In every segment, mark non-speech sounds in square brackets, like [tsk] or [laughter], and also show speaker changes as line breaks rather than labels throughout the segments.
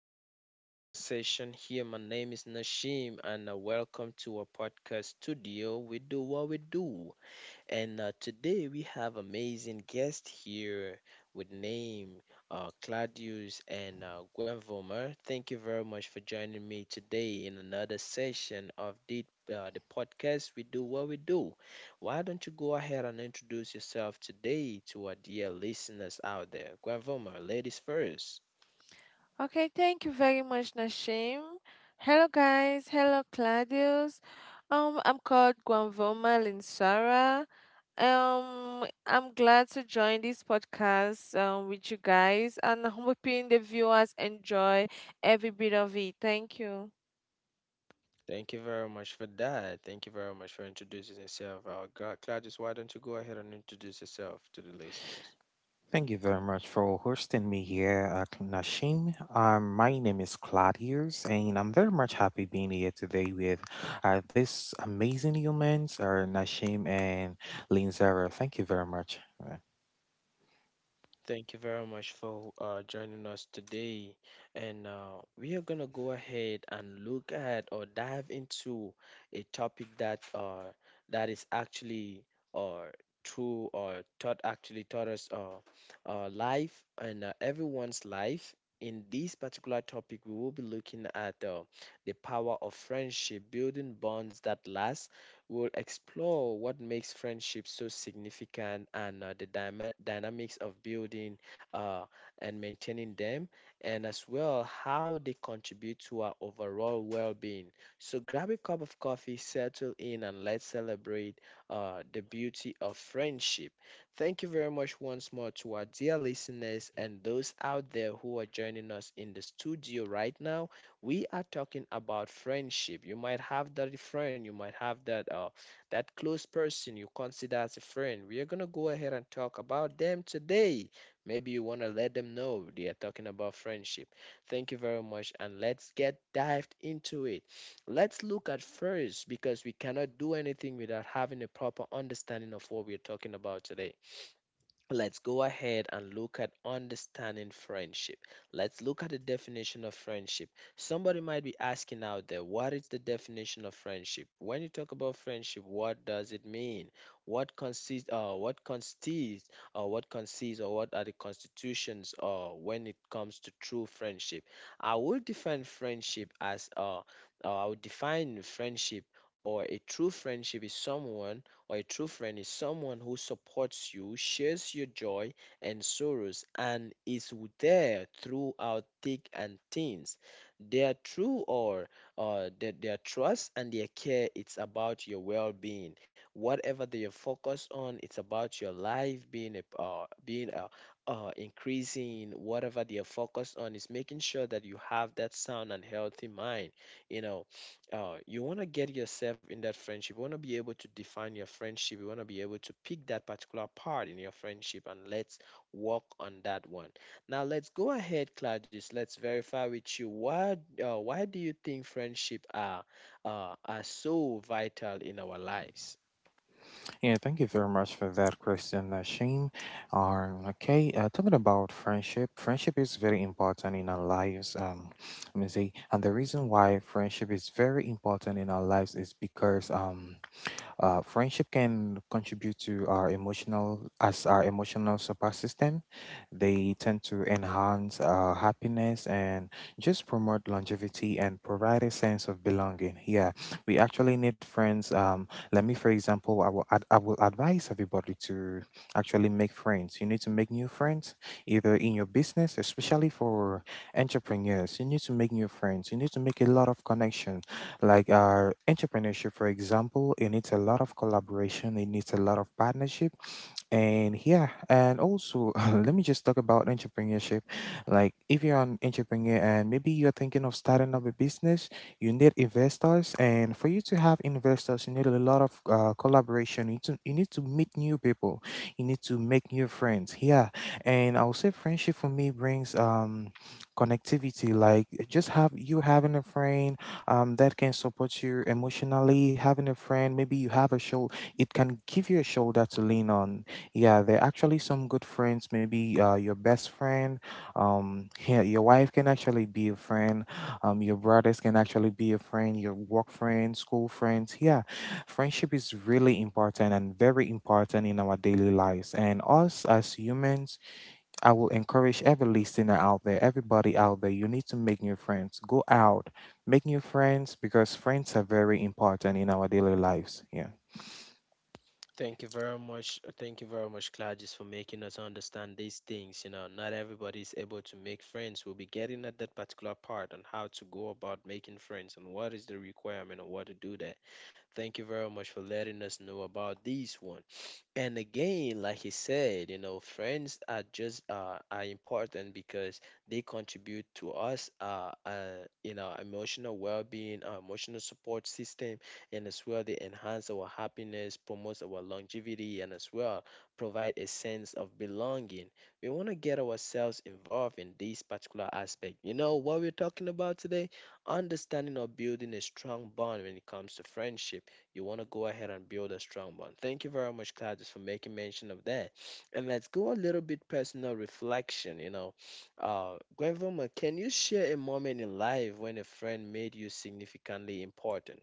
into another podcast session here. My name is Nashim, and welcome to our podcast studio. We do what we do, and today we have amazing guest here with name Claudius and Gwen Vomer. Thank you very much for joining me today in another session of the podcast. We do what we do. Why don't you go ahead and introduce yourself today to our dear listeners out there? Gwen Vomer, ladies first.
Okay, thank you very much, Nashim. Hello, guys. Hello, Claudius. I'm called Guanvoma Linsara. I'm glad to join this podcast with you guys, and I'm hoping the viewers enjoy every bit of it. Thank you.
Thank you very much for that. Thank you very much for introducing yourself. Claudius, why don't you go ahead and introduce yourself to the listeners?
Thank you very much for hosting me here, Nashim. My name is Claudius, and I'm very much happy being here today with these amazing humans, Nashim and Linzara. Thank you very much.
Thank you very much for joining us today. And we are going to go ahead and look at or dive into a topic that that is actually uh, true or taught us life and everyone's life. In this particular topic, we will be looking at the power of friendship, building bonds that last. We'll explore what makes friendships so significant and the dynamics of building uh, and maintaining them, and as well how they contribute to our overall well being. So grab a cup of coffee, settle in, and let's celebrate the beauty of friendship. Thank you very much once more to our dear listeners and those out there who are joining us in the studio right now. We are talking about friendship. You might have that friend, you might have that that close person you consider as a friend. We are going to go ahead and talk about them today. Maybe you want to let them know they are talking about friendship. Thank you very much, and let's get dived into it. Let's look at first, because we cannot do anything without having a proper understanding of what we're talking about today. Let's go ahead and look at understanding friendship. Let's look at the definition of friendship. Somebody might be asking out there, what is the definition of friendship? When you talk about friendship, what does it mean? What consists uh, what consists what consists or what are the constitutions when it comes to true friendship? I would define friendship as uh, I would define friendship, or a true friendship is someone, or a true friend is someone who supports you, shares your joy and sorrows, and is there throughout thick and thin. Their true or their trust and their care, it's about your well-being. Whatever they are focused on, it's about your life increasing. Whatever they are focused on is making sure that you have that sound and healthy mind. You know. Oh, you want to get yourself in that friendship. You want to be able to define your friendship. You want to be able to pick that particular part in your friendship, and let's work on that one. Now let's go ahead, Claudius. Let's verify with you why do you think friendship are so vital in our lives?
Yeah, thank you very much for that question, Nashim. Okay, talking about friendship, friendship is very important in our lives. Let me see, and the reason why friendship is very important in our lives is because friendship can contribute to our emotional as our emotional support system. They tend to enhance our happiness and just promote longevity and provide a sense of belonging. Yeah, we actually need friends. Let me, for example, I will advise everybody to actually make friends. You need to make new friends either in your business, especially for entrepreneurs. You need to make new friends. You need to make a lot of connections like our entrepreneurship, for example. It needs a lot of collaboration, it needs a lot of partnership, and yeah, and also [laughs] let me just talk about entrepreneurship. Like if you're an entrepreneur and maybe you're thinking of starting up a business, you need investors. And for you to have investors, you need a lot of collaboration. You need to meet new people. You need to make new friends. Yeah. And I'll say friendship for me brings connectivity. Like just have you having a friend that can support you emotionally, having a friend, maybe you have a shoulder. It can give you a shoulder to lean on. Yeah, they're actually some good friends. Maybe your best friend, yeah, your wife can actually be a friend. Your brothers can actually be a friend. Your work friends, school friends. Yeah, friendship is really important and very important in our daily lives. And us as humans, I will encourage every listener out there, everybody out there, you need to make new friends. Go out, make new friends, because friends are very important in our daily lives. Yeah.
Thank you very much. Thank you very much, Gladys, for making us understand these things. You know, not everybody is able to make friends. We'll be getting at that particular part on how to go about making friends and what is the requirement and what to do there. Thank you very much for letting us know about this one. And again, like he said, you know, friends are just are important because they contribute to us, you know, emotional well-being, our emotional support system, and as well they enhance our happiness, promotes our longevity, and as well provide a sense of belonging. We want to get ourselves involved in this particular aspect. You know what we're talking about today? Understanding or building a strong bond when it comes to friendship. You want to go ahead and build a strong bond. Thank you very much, Claudius, for making mention of that. And let's go a little bit personal reflection. You know, Gwenvoma, can you share a moment in life when a friend made you significantly important?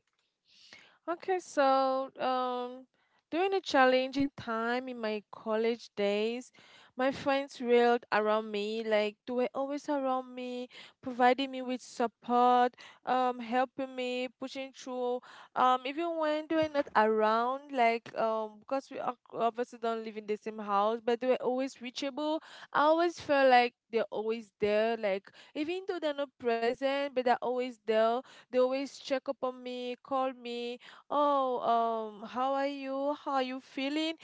Okay, so um, During a challenging time in my college days, my friends railed around me, like they were always around me, providing me with support, helping me, pushing through. Even when they were not around, like because we obviously don't live in the same house, but they were always reachable. I always felt like they're always there, like even though they're not present, but they're always there. They always check up on me, call me oh how are you? How are you feeling?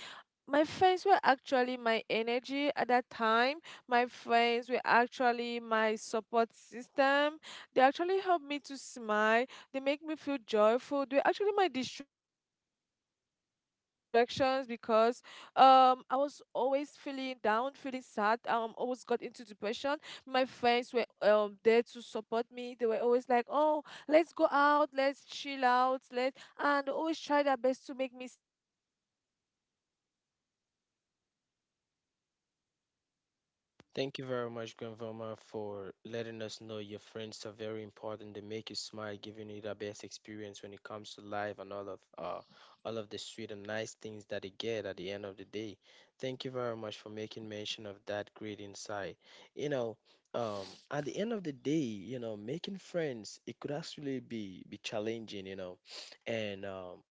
My friends were actually my energy at that time. My friends were actually my support system. They actually helped me to smile. They make me feel joyful. They were actually my distractions because I was always feeling down, feeling sad. Always got into depression. My friends were there to support me. They were always like, "Oh, let's go out, let's chill out, let's," and always try their best to make me smile, and it was really amazing.
Thank you very much, Grandmama, for letting us know your friends are very important. They make you smile, giving you the best experience when it comes to life and all of the sweet and nice things that they get at the end of the day. Thank you very much for making mention of that great insight. You know, at the end of the day, you know, making friends, it could actually be challenging. You know, and um,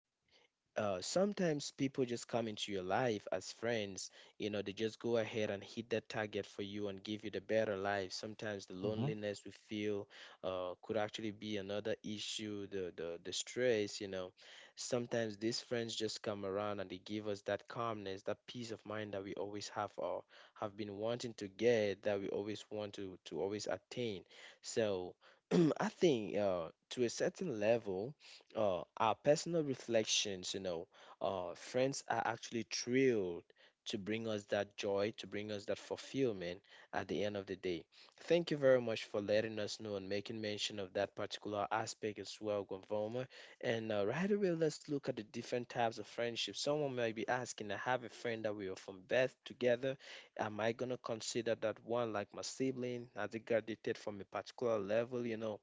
uh, sometimes people just come into your life as friends. You know, they just go ahead and hit that target for you and give you the better life. Sometimes the
Mhm.
loneliness we feel could actually be another issue, the stress, you know. Sometimes these friends just come around and they give us that calmness, that peace of mind that we always have or have been wanting to get, that we always want to always attain. So [clears throat] I think to a certain level, our personal reflections, you know, friends are actually thrilled to bring us that joy, to bring us that fulfillment at the end of the day. Thank you very much for letting us know and making mention of that particular aspect as well, Gonvoma. And right away, let's look at the different types of friendship. Someone might be asking, I have a friend that we are from birth together. Am I going to consider that one like my sibling? Has it graduated from a particular level, you know?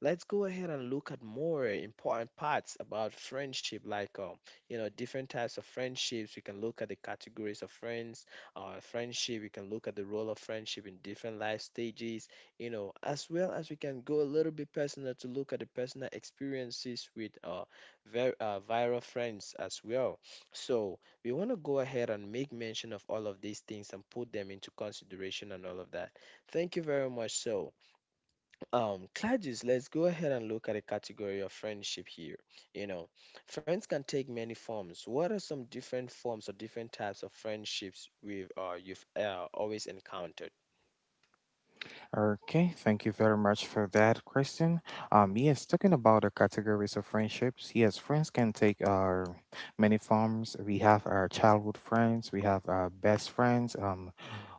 Let's go ahead and look at more important parts about friendship, like you know, different types of friendships. We can look at the categories of friends, friendship. We can look at the role of friendship in different life stages, you know, as well as we can go a little bit personal to look at the personal experiences with viral friends as well. So we want to go ahead and make mention of all of these things and put them into consideration and all of that. Thank you very much. So. Claudius, let's go ahead and look at a category of friendship here. You know, friends can take many forms. What are some different forms or different types of friendships we've you've always encountered?
Okay, thank you very much for that question. Yes, talking about the categories of friendships, yes, friends can take many forms. We have our childhood friends, we have our best friends,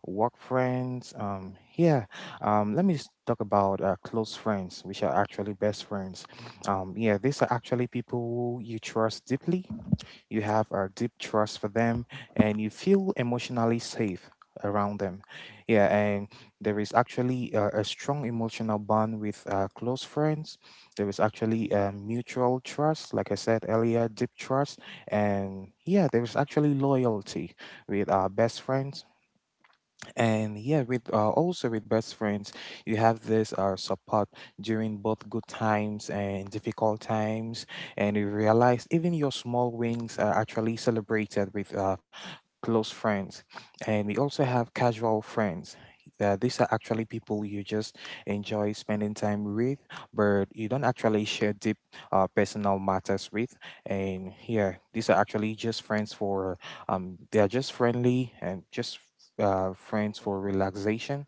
work friends. Talk about close friends, which are actually best friends. Yeah, these are actually people you trust deeply. You have a deep trust for them, and you feel emotionally safe around them. Yeah, and there is actually a strong emotional bond with close friends. There is actually a mutual trust, like I said earlier, deep trust, and yeah, there is actually loyalty with our best friends. And yeah, with also with best friends, you have this support during both good times and difficult times, and you realize even your small wins are actually celebrated with close friends. And we also have casual friends. These are actually people you just enjoy spending time with, but you don't actually share deep personal matters with. And yeah, these are actually just friends for, they are just friendly and just friends for
Mhm.
relaxation.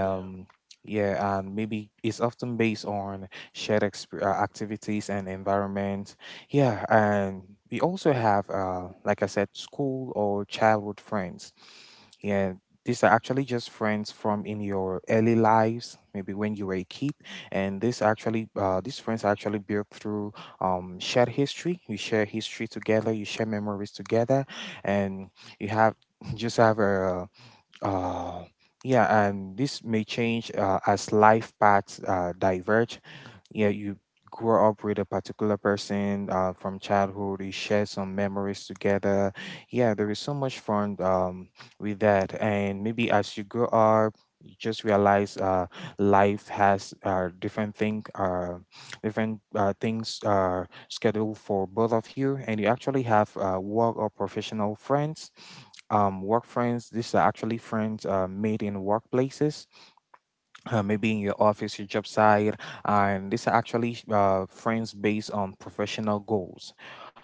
Yeah.
yeah, and maybe it's often based on shared activities and environment. Yeah, and we also have, like I said, school or childhood friends. Yeah, these are actually just friends from in your early lives, maybe when you were a kid. And this actually, these friends are actually built through shared history. You share history together, you share memories together, and you have [laughs] just have a, uh, yeah, and this may change as life paths diverge. Yeah, you grow up with a particular person from childhood, you share some memories together. Yeah, there is so much fun with that. And maybe as you grow up, you just realize life has different things are scheduled for both of you. And you actually have work or professional friends. Um, work friends, these are actually friends made in workplaces, maybe in your office, your job site, and these are actually friends based on professional goals.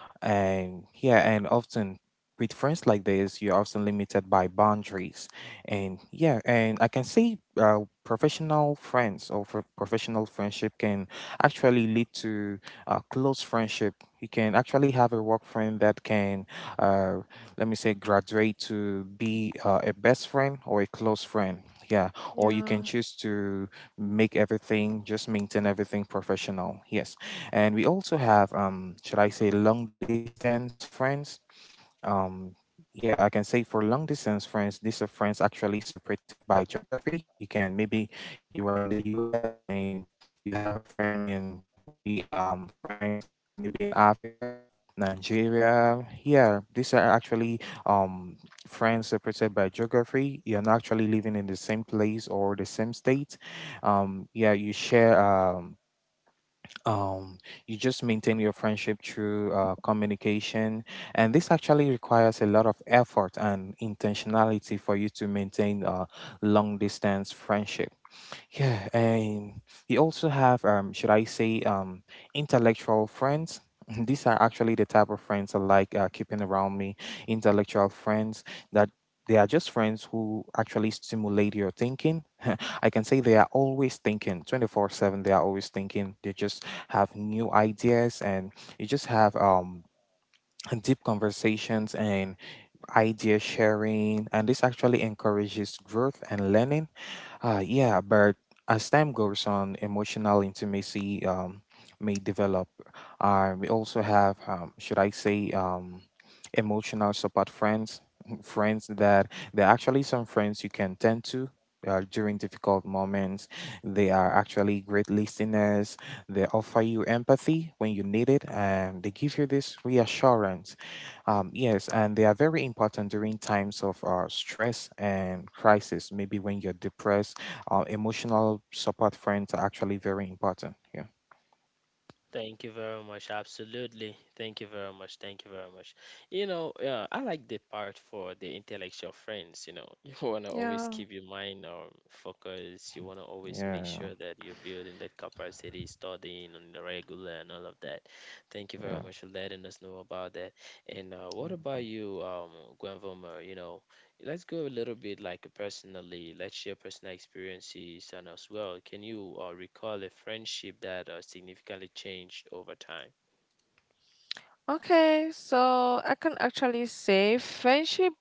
And yeah, and often with friends like this, you're often limited by boundaries. And yeah, and I can say, professional friends or for professional friendship can actually lead to a close friendship. You can actually have a work friend that can, uh, let me say, graduate to be a best friend or a close friend. Yeah, or you
Yeah,
can choose to make everything, just maintain everything professional. Yes. And we also have, should I say, long distance friends? Um, yeah, I can say for long distance friends, these are friends actually separated by geography. You can maybe you are in the US and you have a friend in maybe France, or maybe in Africa, Nigeria. Yeah, these are actually um, friends separated by geography. You're not actually living in the same place or the same state. Yeah, you share. Um, you just maintain your friendship through communication, and this actually requires a lot of effort and intentionality for you to maintain a long distance friendship. Yeah, and we also have, intellectual friends. [laughs] These are actually the type of friends I like keeping around me. Intellectual friends, that they are just friends who actually stimulate your thinking. [laughs] I can say they are always thinking, 24/7. They are always thinking. They just have new ideas, and you just have [clears throat] [tsk] deep conversations and idea sharing, and this actually encourages growth and learning. Uh, yeah, but as time goes on, emotional intimacy may develop. We also have, emotional support friends. [laughs] Friends that they're actually some friends you can tend to. During difficult moments, they are actually great listeners. They offer you empathy when you need it, and they give you this reassurance. Um, yes, and they are very important during times of stress and crisis. Maybe when you're depressed, emotional support friends are actually very important. Yeah,
Thank you very much. Absolutely. Thank you very much. Thank you very much. You know, yeah, I like the part for the intellectual friends. You know, [laughs] you want to always
yeah.
keep your mind focused. You want to always make
yeah,
sure that you're building that capacity, studying on the regular and all of that. Thank you very
yeah.
much for letting us know about that. And what about you, Gwen. You know, let's go a little bit like personally. Let's share personal experiences and as well. Can you recall a friendship that significantly changed over time?
Okay, so I can actually say friendship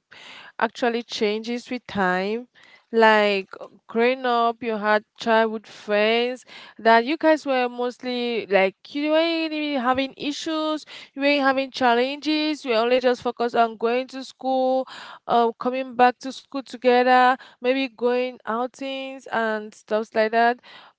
actually changes with time. Like growing up, you had childhood friends that you guys were mostly like you weren't even having issues, you weren't having challenges. You were only just focused on going to school, coming back to school together, maybe going outings and stuff like that.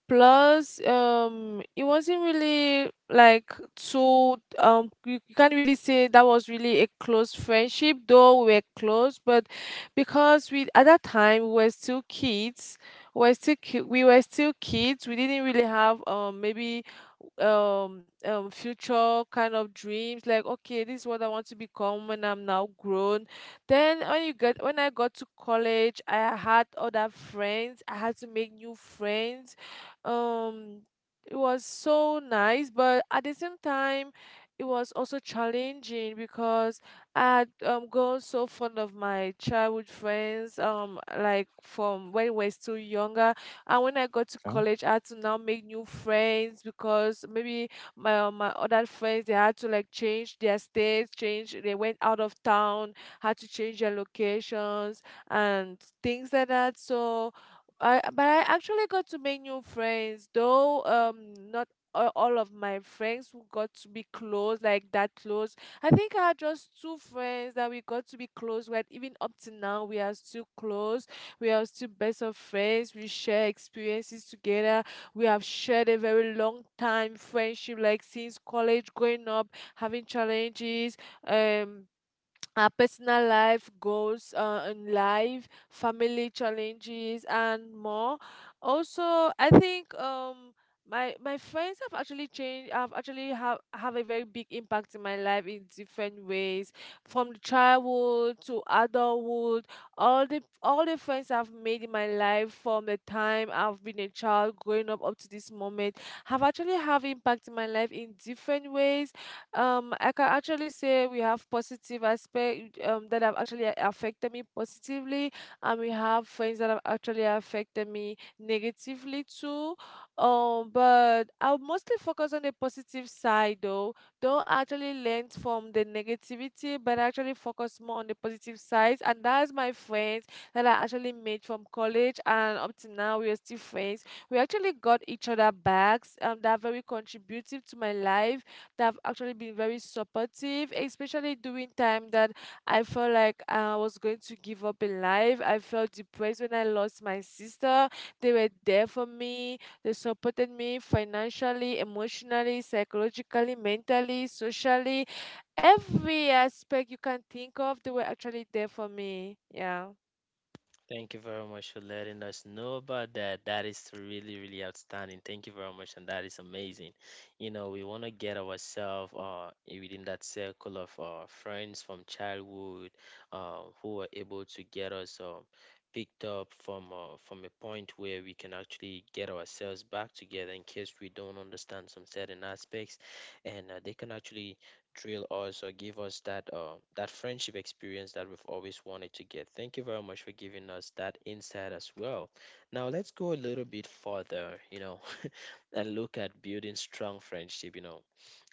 Plus, it wasn't really like so you, you can't really say that was really a close friendship though we were close, but because we at that time we were still kids, we were still kids. We didn't really have maybe future kind of dreams, like okay, this is what I want to become when I'm now grown. Then when you get when I got to college, I had other friends. I had to make new friends. Um, it was so nice, but at the same time, it was also challenging because I had grown so fond of my childhood friends, like from when we were still younger. And when I got to college, I had to now make new friends because maybe my other friends, they had to like change their states, change they went out of town, had to change their locations and things like that. So I actually got to make new friends, though not all of my friends who got to be close, like that close. I think I had just two friends that we got to be close with. Even up to now we are still close. We are still best of friends. We share experiences together. We have shared a very long time friendship, like since college, growing up, having challenges, um, our personal life goals in life, family challenges, and more. Also, I think my friends have actually changed. Have actually Have a very big impact in my life in different ways, from childhood to adulthood. All the friends I've made in my life from the time I've been a child growing up up to this moment have actually have impact in my life in different ways. Um, I can actually say we have positive aspect, that have actually affected me positively, and we have friends that have actually affected me negatively too. Um, but I'll mostly focus on the positive side. Though don't actually learn from the negativity, but actually focus more on the positive sides. And that's my friends that I actually made from college, and up to now we are still friends. We actually got each other bags that are very contributive to my life. They've actually been very supportive, especially during time that I felt like I was going to give up in life. I felt depressed when I lost my sister. They were there for me. They supported me financially, emotionally, psychologically, mentally, socially. Every aspect you can think of, they were actually there for me. Yeah.
Thank you very much for letting us know about that. That is really, really outstanding. Thank you very much, and that is amazing. You know, we want to get ourselves within that circle of friends from childhood who are able to get us picked up from a point where we can actually get ourselves back together in case we don't understand some certain aspects, and they can actually drill us or give us that that friendship experience that we've always wanted to get. Thank you very much for giving us that insight as well. Now let's go a little bit further, you know, [laughs] and look at building strong friendship. You know,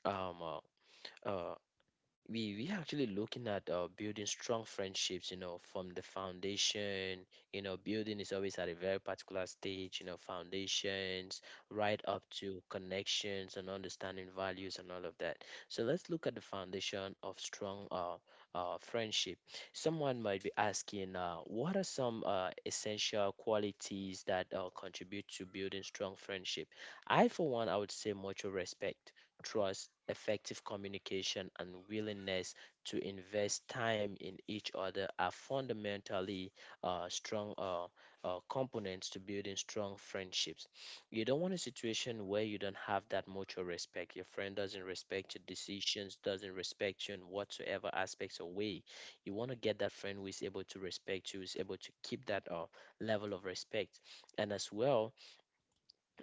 um, uh, uh, we actually looking at building strong friendships, you know, from the foundation. You know, building is always at a very particular stage, you know, foundations, right up to connections and understanding values and all of that. So let's look at the foundation of strong friendship. Someone might be asking, what are some essential qualities that contribute to building strong friendship? I for one, I would say mutual respect, trust, effective communication, and willingness to invest time in each other are fundamentally strong components to building strong friendships. You don't want a situation where you don't have that mutual respect. Your friend doesn't respect your decisions, doesn't respect you in whatsoever aspects or way. You want to get that friend who is able to respect you, who is able to keep that level of respect. And as well,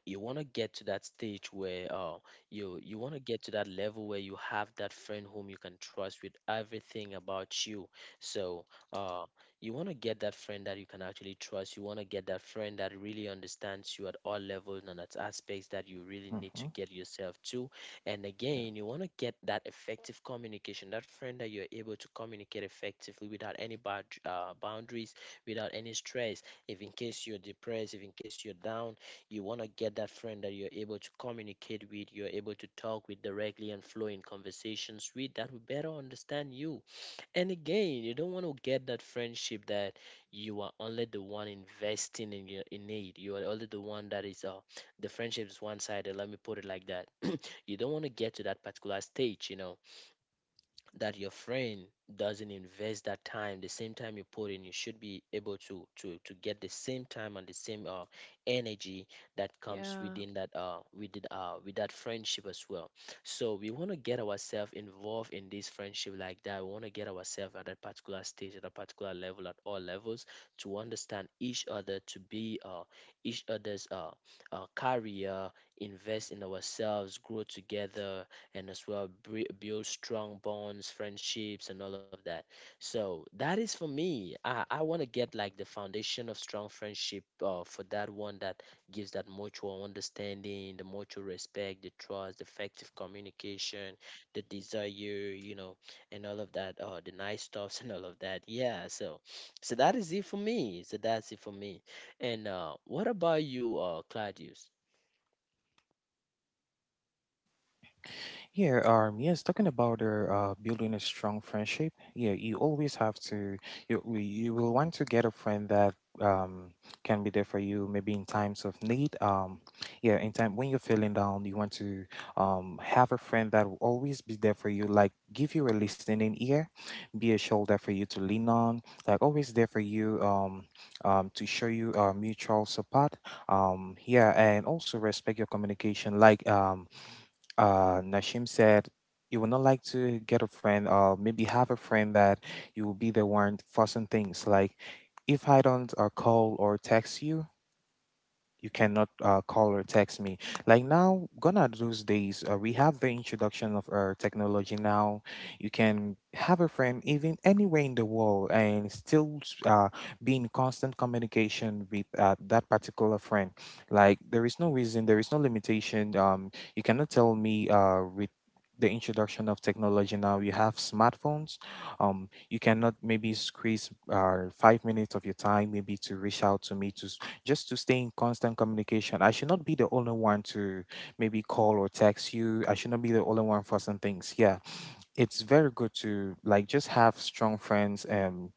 you want to get to that stage where you want to get to that level where you have that friend whom you can trust with everything about you, so uh, you want to get that friend that you can actually trust. You want to get that friend that really understands you at all levels and at aspects that you really need to
Okay.
get yourself to. And again, you want to get that effective communication, that friend that you're able to communicate effectively without any bad boundaries, without any stress, if in case you're depressed, if in case you're down. You want to get that friend that you're able to communicate with, you're able to talk with directly and flow in conversations with, that will better understand you. And again, you don't want to get that friendship that you are only the one investing in it. You are only the one that is, the friendship is one sided, let me put it like that. You don't want to get to that particular stage, you know, that your friend doesn't invest that time, the same time you put in. You should be able to get the same time and the same energy that comes
Yeah.
within that with that friendship as well. So we want to get ourselves involved in this friendship like that. We want to get ourselves at that particular stage, at a particular level, at all levels, to understand each other, to be each other's career, invest in ourselves, grow together, and as well build strong bonds, friendships, and all of that. So that is for me. I want to get like the foundation of strong friendship, for that one that gives that mutual understanding, the mutual respect, the trust, the effective communication, the desire, you know, and all of that, the nice stuffs [laughs] and all of that. Yeah. So, that is it for me. So that's it for me. And what about you, Claudius?
Yeah, yes, talking about building a strong friendship, yeah, you always have to, you will want to get a friend that um, can be there for you maybe in times of need. Yeah, in time when you're feeling down, you want to have a friend that will always be there for you, like give you a listening ear, be a shoulder for you to lean on, like always there for you, to show you mutual support. Yeah, and also respect your communication, like, Nashim said, you would not like to get a friend or maybe have a friend that you will be the one fussing things. Like, if I don't call or text you, you cannot call or text me. Like, now gone are those days, we have the introduction of our technology. Now you can have a friend even anywhere in the world and still uh, be in constant communication with that particular friend. Like, there is no reason, there is no limitation. You cannot tell me with the introduction of technology, now you have smartphones, you cannot maybe squeeze 5 minutes of your time maybe to reach out to me, to just to stay in constant communication. I should not be the only one to maybe call or text you. I should not be the only one for some things. Yeah, it's very good to like just have strong friends and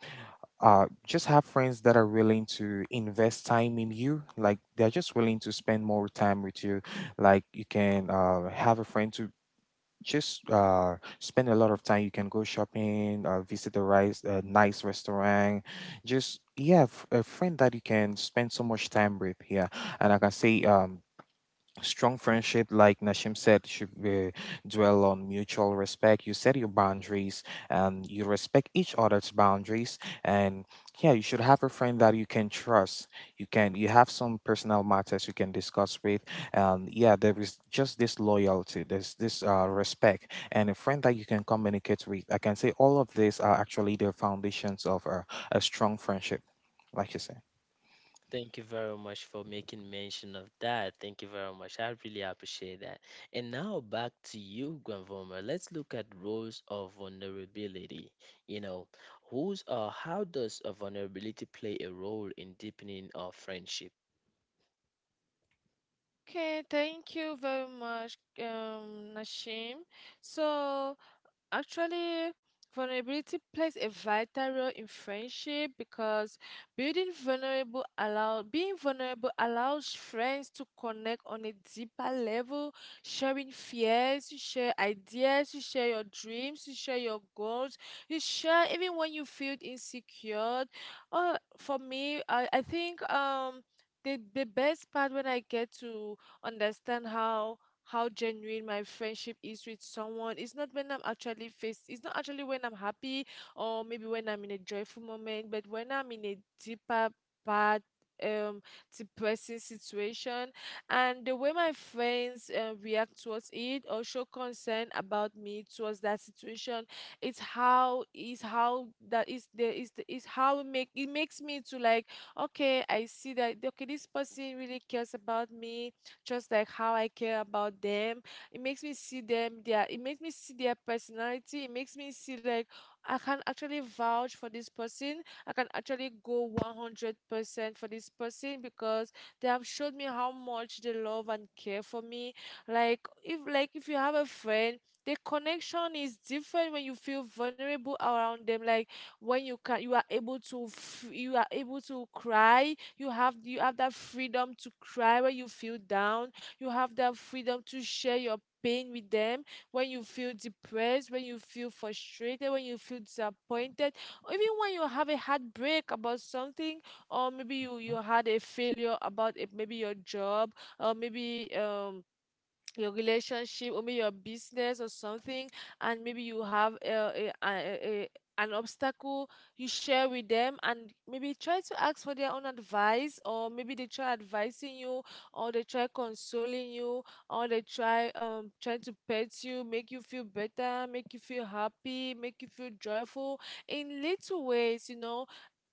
just have friends that are willing to invest time in you. Like, they're just willing to spend more time with you. Like you can have a friend to just spend a lot of time. You can go shopping, visit a nice restaurant. Just, yeah, a friend that you can spend so much time with. Yeah, and like I can say, strong friendship, like Nashim said, should dwell on mutual respect. You set your boundaries and you respect each other's boundaries. And yeah, you should have a friend that you can trust. You have some personal matters you can discuss with. And yeah, there is just this loyalty, there's this respect, and a friend that you can communicate with. I can say all of these are actually the foundations of a strong friendship, like you say.
Thank you very much for making mention of that. Thank you very much. I really appreciate that. And now back to you, Granvoma. Let's look at roles of vulnerability. You know, who's, or how does a vulnerability play a role in deepening our friendship?
Okay, thank you very much, Nashim. So actually, vulnerability plays a vital role in friendship because building vulnerable allow being vulnerable allows friends to connect on a deeper level, sharing fears, you share ideas, you share your dreams, you share your goals, you share even when you feel insecure. Or for me, I think the best part when I get to understand how genuine my friendship is with someone. It's not when I'm actually faced, it's not actually when I'm happy or maybe when I'm in a joyful moment, but when I'm in a deeper part um depressing situation. And the way my friends react towards it or show concern about me towards that situation, it's how is how that is there is the is how it makes me to like, okay, I see that, okay, this person really cares about me just like how I care about them. It makes me see their personality. It makes me see like I can actually vouch for this person. I can actually go 100% for this person because they have showed me how much they love and care for me. Like if you have a friend, the connection is different when you feel vulnerable around them. Like when you can you are able to you are able to cry. You have that freedom to cry when you feel down. You have that freedom to share your pain with them when you feel depressed, when you feel frustrated, when you feel disappointed, or even when you have a heartbreak about something, or maybe you
Mhm.
had a failure about it, maybe your job, or maybe your relationship, or maybe your business, or something. And maybe you have a an obstacle you share with them, and maybe try to ask for their own advice, or maybe they try advising you, or they try consoling you, or they try trying to pet you, make you feel better, make you feel happy, make you feel joyful in little ways, you know.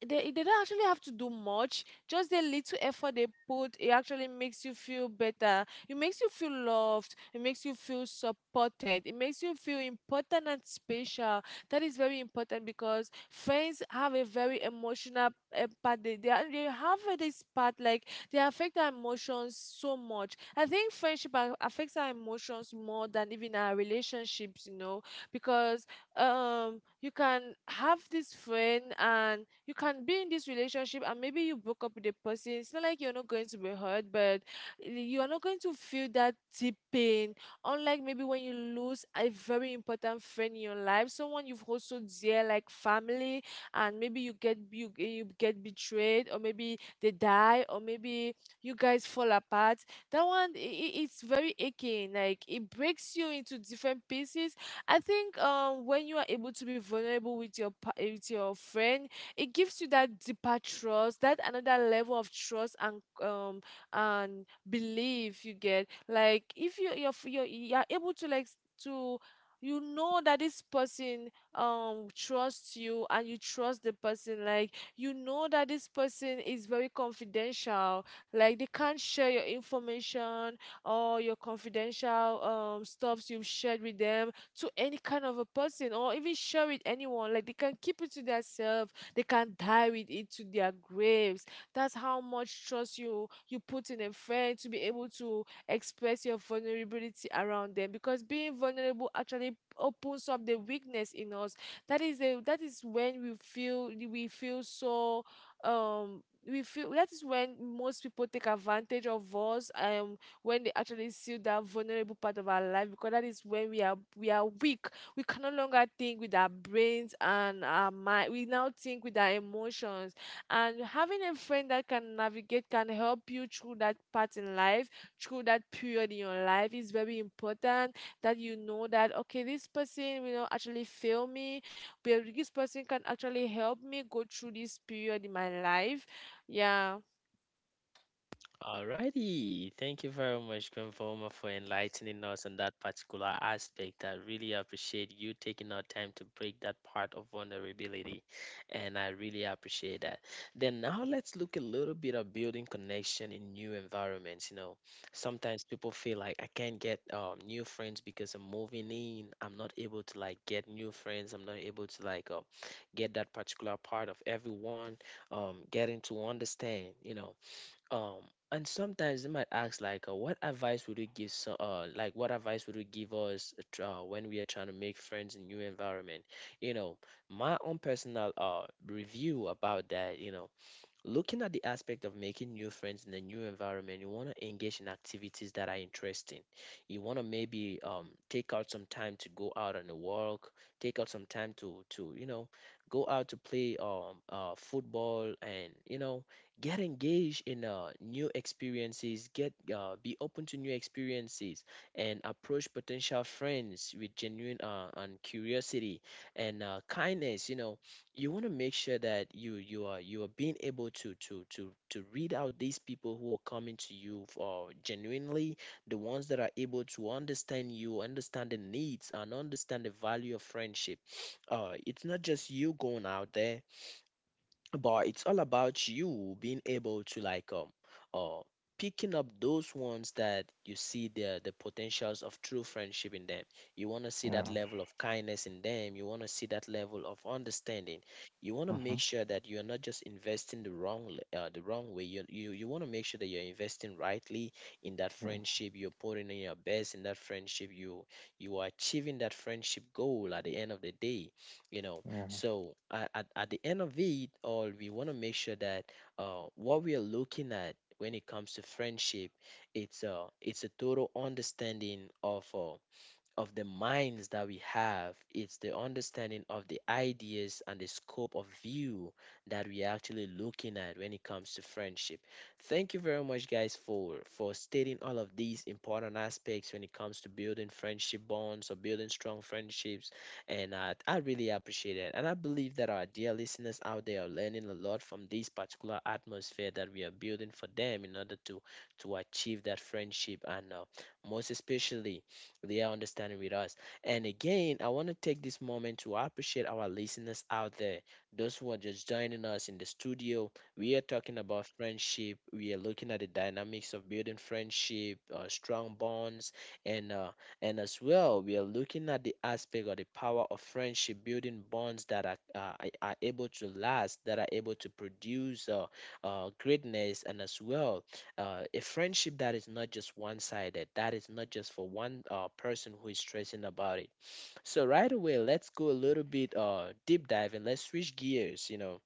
They don't actually have to do much. Just the little effort they put, it actually makes you feel better. It makes you feel loved. It makes you feel supported. It makes you feel important and special. That is very important because friends have a very emotional part. They have this part like they affect our emotions so much. I think friendship affects our emotions more than even our relationships, you know, because you can have this friend and you can be in this relationship, and maybe you broke up with a person. It's not like you're not going to be hurt, but you are not going to feel that deep pain. Unlike maybe when you lose a very important friend in your life, someone you've also dear like family, and maybe you get betrayed, or maybe they die, or maybe you guys fall apart. That one it's very aching. Like it breaks you into different pieces. I think when you are able to be vulnerable with your with your friend, it gives you that deeper trust, that another level of trust. And and belief you get, like if you're able to you know that this person trusts you and you trust the person. Like you know that this person is very confidential, like they can't share your information or your confidential stuffs you've shared with them to any kind of a person, or even share with anyone. Like they can keep it to themselves. They can die with it to their graves. That's how much trust you put in a friend to be able to express your vulnerability around them. Because being vulnerable actually opens up the weakness in us. That is when we feel so we feel that is when most people take advantage of us when they actually see that vulnerable part of our life, because that is when we are weak. We can no longer think with our brains and our mind. We now think with our emotions. And having a friend that can navigate, can help you through that part in life, through that period in your life, is very important. That you know that okay, this person will not actually fail me, but this person can actually help me go through this period in my life. Yeah,
Alrighty, thank you very much, Granvoma, for enlightening us on that particular aspect. I really appreciate you taking our time to break that part of vulnerability, and I really appreciate that. Then now let's look a little bit of building connection in new environments. You know, sometimes people feel like I can't get new friends because I'm moving in. I'm not able to like get new friends. I'm not able to like get that particular part of everyone, getting to understand. You know, um, and sometimes they might ask like, "What advice would you give, so, like, what advice would you give us when we are trying to make friends in new environment?" You know, my own personal review about that. You know, looking at the aspect of making new friends in a new environment, you want to engage in activities that are interesting. You want to maybe take out some time to go out on a walk, take out some time to go out to play football, and you know get engaged in new experiences. Get be open to new experiences and approach potential friends with genuine, and curiosity and kindness. You know, you want to make sure that you are, you are being able to read out these people who are coming to you for genuinely, the ones that are able to understand you, understand the needs, and understand the value of friendship. It's not just you going out there, but it's all about you being able to like, uh picking up those ones that you see the potentials of true friendship in them. You want to see that
Yeah.
level of kindness in them, you want to see that level of understanding. You want to make
Hmm.
sure that you're not just investing the wrong, the wrong way. You want to make sure that you're investing rightly in that
Yeah.
friendship, you're putting in your best in that friendship, you are achieving that friendship goal at the end of the day, you know.
Yeah.
So at the end of it all, we want to make sure that, what we are looking at when it comes to friendship, it's a total understanding of the minds that we have. It's the understanding of the ideas and the scope of view that we are actually looking at when it comes to friendship. Thank you very much, guys, for stating all of these important aspects when it comes to building friendship bonds or building strong friendships. And I really appreciate it. And I believe that our dear listeners out there are learning a lot from this particular atmosphere that we are building for them in order to achieve that friendship, and most especially, they are understanding with us. And again, I want to take this moment to appreciate our listeners out there, those who are just joining us in the studio. We are talking about friendship. We are looking at the dynamics of building friendship, strong bonds, and uh, and as well, we are looking at the aspect or the power of friendship, building bonds that are, are able to last, that are able to produce, greatness, and as well, a friendship that is not just one-sided, that is not just for one person who is stressing about it. So right away, let's go a little bit deep dive and let's switch gears, you know,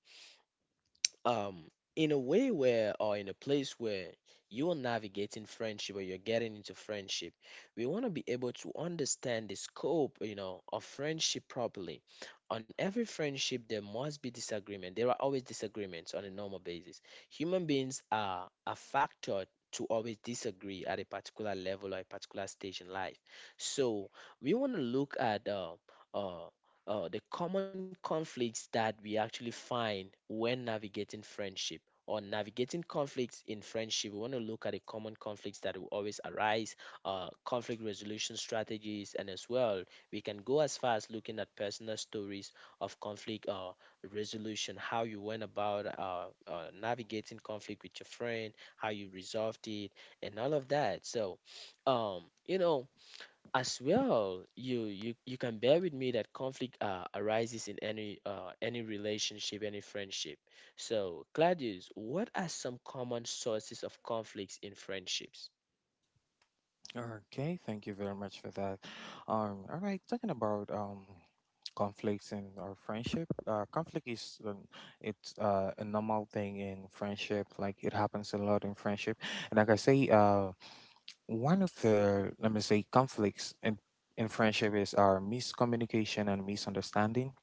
um in a way where, or in a place where, you are navigating friendship or you're getting into friendship. We want to be able to understand the scope, you know, of friendship properly. On every friendship there must be disagreement, there are always disagreements on a normal basis. Human beings are a factor to always disagree at a particular level or a particular stage in life. So we want to look at, uh, the common conflicts that we actually find when navigating friendship, or navigating conflicts in friendship. We want to look at the common conflicts that will always arise, conflict resolution strategies, and as well, we can go as far as looking at personal stories of conflict resolution, how you went about navigating conflict with your friend, how you resolved it, and all of that. So, you know, as well, you can bear with me that conflict arises in any, relationship, any friendship. So, Claudius, what are some common sources of conflicts in friendships?
Okay, thank you very much for that. All right, talking about conflicts in our friendship. Conflict is it's a normal thing in friendship. Like it happens a lot in friendship, and one of the let me say conflicts in friendship is our miscommunication and misunderstanding.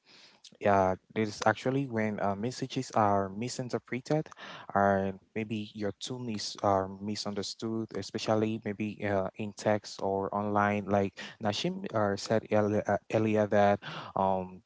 Yeah, this is actually when messages are misinterpreted, or maybe your tone is are misunderstood, especially maybe in text or online. Like Nashim said earlier that um,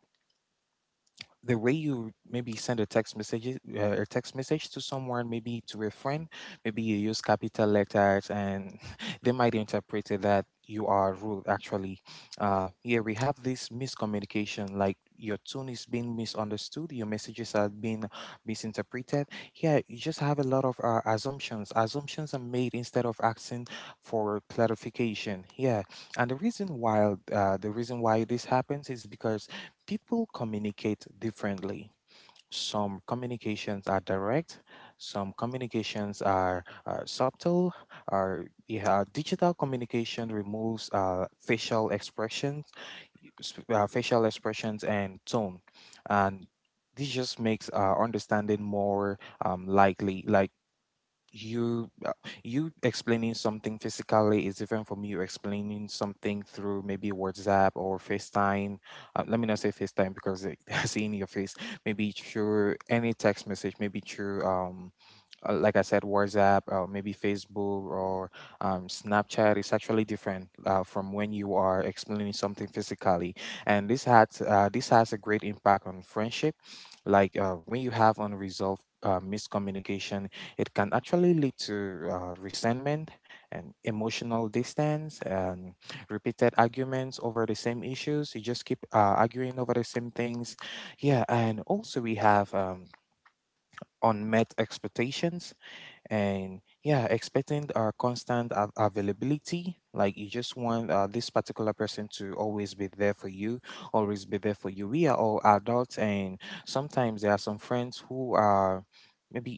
the way you maybe send a text message to someone, maybe to a friend, maybe you use capital letters and [laughs] they might interpret it that you are rude actually. Yeah, we have this miscommunication, like your tone is being misunderstood, your messages are being misinterpreted. Yeah, you just have a lot of assumptions. Assumptions are made instead of asking for clarification, yeah. And the reason why this happens is because people communicate differently. Some communications are direct, some communications are subtle. Are Yeah, digital communication removes facial expressions, facial expressions and tone, and this just makes understanding more likely. Like you uh, you explaining something physically is different from you explaining something through maybe WhatsApp or FaceTime. Let me not say FaceTime because it- [laughs] I see in your face, maybe through any text message, maybe through like I said, WhatsApp or maybe Facebook or Snapchat is actually different from when you are explaining something physically, and this has a great impact on friendship. Like when you have unresolved miscommunication, it can actually lead to resentment and emotional distance and repeated arguments over the same issues. You just keep arguing over the same things, yeah. And also we have unmet expectations, and yeah, expecting constant availability. Like you just want this particular person to always be there for you, we are all adults, and sometimes there are some friends who are maybe,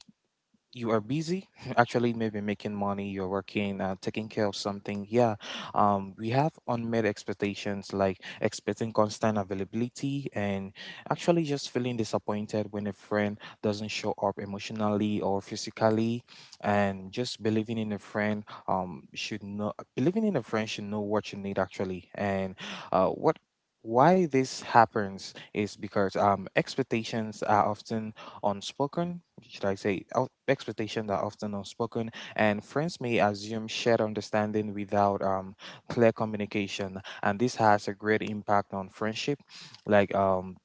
you are busy [laughs] actually, maybe making money, you're working, taking care of something, yeah. We have unmet expectations, like expecting constant availability, and actually just feeling disappointed when a friend doesn't show up emotionally or physically, and just believing in a friend should know what you need actually. And what why this happens is because expectations are often unspoken should I say, out- expectations are often unspoken, and friends may assume shared understanding without clear communication, and this has a great impact on friendship. Like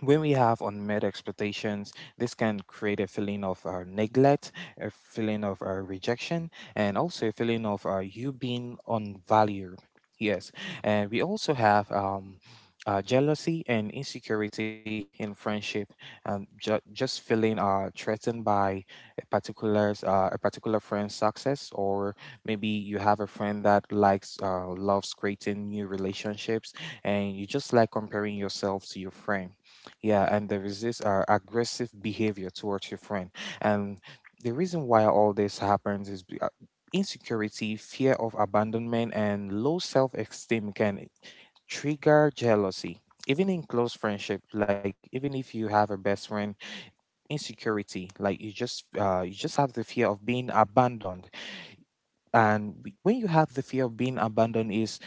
when we have unmet expectations, this can create a feeling of neglect, a feeling of rejection, and also a feeling of you being unvalued. Yes. And we also have jealousy and insecurity in friendship, just feeling threatened by a particular friend's success, or maybe you have a friend that loves creating new relationships, and you just like comparing yourself to your friend. Yeah, and there is this aggressive behavior towards your friend. And the reason why all this happens is insecurity, fear of abandonment, and low self esteem can trigger jealousy. Even in close friendship, like even if you have a best friend, insecurity, like you just have the fear of being abandoned. And when you have the fear of being abandoned, is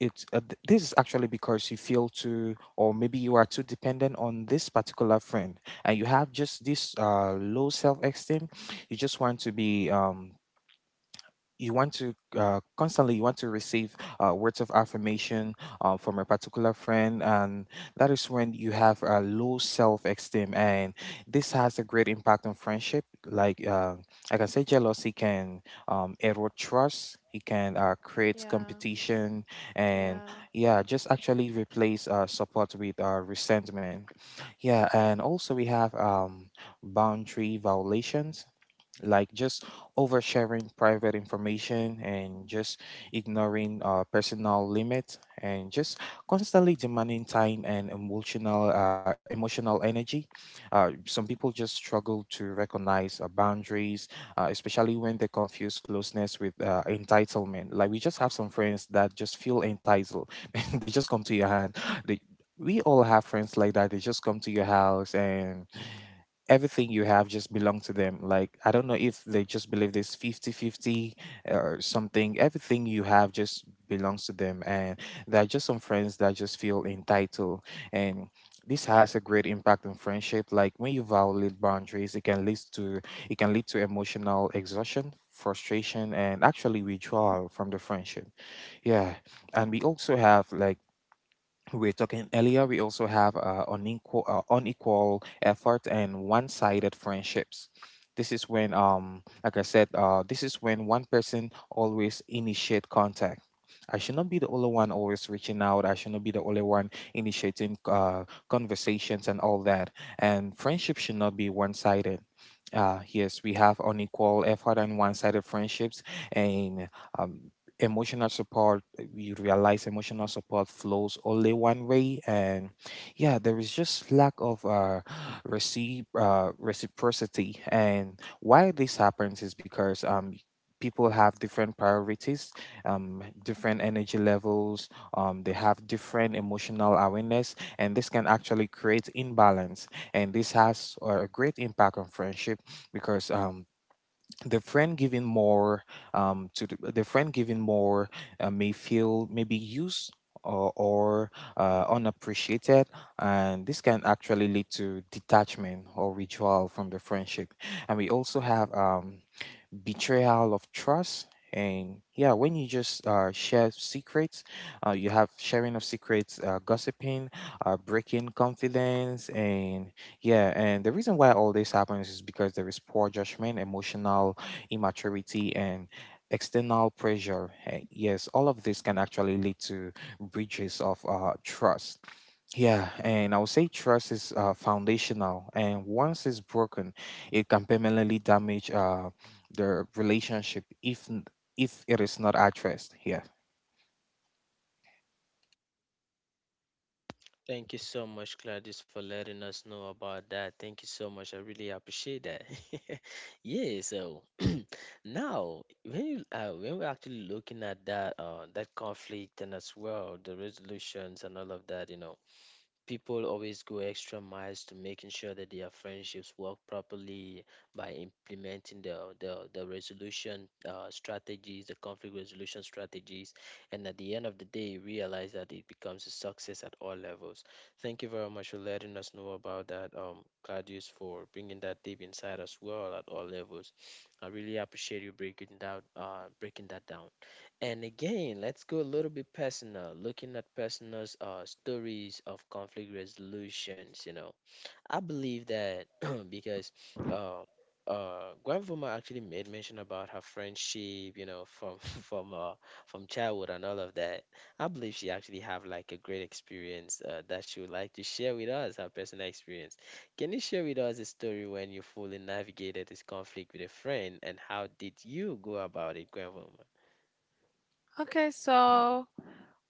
it. uh, th- this is actually because you feel too, or maybe you are too dependent on this particular friend, and you have just this low self-esteem. You just want to be you want to constantly, you want to receive words of affirmation from a particular friend, and that is when you have a low self-esteem. And this has a great impact on friendship. Like I can say jealousy can erode trust, it can create
yeah,
competition, and
yeah.
yeah, just actually replace support with resentment. Yeah, and also we have boundary violations, like just oversharing private information, and just ignoring personal limits, and just constantly demanding time and emotional energy. Some people just struggle to recognize boundaries, especially when they confuse closeness with entitlement. Like we just have some friends that just feel entitled. [laughs] They just come to your hand, they, we all have friends like that. They just come to your house and everything you have just belong to them. Like I don't know if they just believe this 50-50 or something. Everything you have just belongs to them, and there are just some friends that just feel entitled. And this has a great impact on friendship. Like when you violate boundaries, it can lead to, it can lead to emotional exhaustion, frustration, and actually withdrawal from the friendship, yeah. And we also have, like we are talking earlier, we also have unequal effort and one-sided friendships. This is when, like I said, this is when one person always initiate contact. I should not be the only one always reaching out. I should not be the only one initiating conversations and all that. And friendship should not be one-sided. Yes, we have unequal effort and one-sided friendships, and um, we realize emotional support flows only one way, and yeah, there is just lack of receive reciprocity. And why this happens is because people have different priorities, different energy levels, they have different emotional awareness, and this can actually create imbalance. And this has a great impact on friendship because the friend giving more the friend giving more may feel maybe used, or unappreciated, and this can actually lead to detachment or withdrawal from the friendship. And we also have betrayal of trust. And yeah, when you just share secrets you have sharing of secrets, gossiping, breaking confidence. And yeah, and the reason why all this happens is because there is poor judgment, emotional immaturity, and external pressure. Eh, yes, all of this can actually lead to breaches of trust. Yeah, and I would say trust is foundational, and once it's broken, it can permanently damage the relationship if it is not addressed. Yeah.
Thank you so much, Gladys, for letting us know about that. Thank you so much. I really appreciate that. [laughs] Yeah, so [clears throat] now when you, when we're actually looking at that, that conflict and as well the resolutions and all of that, you know, people always go extra miles to making sure that their friendships work properly by implementing the resolution strategies, the conflict resolution strategies, and at the end of the day realize that it becomes a success at all levels. Thank you very much for letting us know about that, Claudius, for bringing that deep inside as well at all levels. I really appreciate you breaking down, breaking that down. And again, let's go a little bit personal, looking at personal stories of conflict resolutions. You know, I believe that [clears throat] because, uh, grandmama actually made mention about her friendship, you know, from [laughs] from childhood and all of that. I believe she actually have like a great experience, that she would like to share with us, her personal experience. Can you share with us a story when you fully navigated this conflict with a friend, and how did you go about it, grandmama?
Okay, so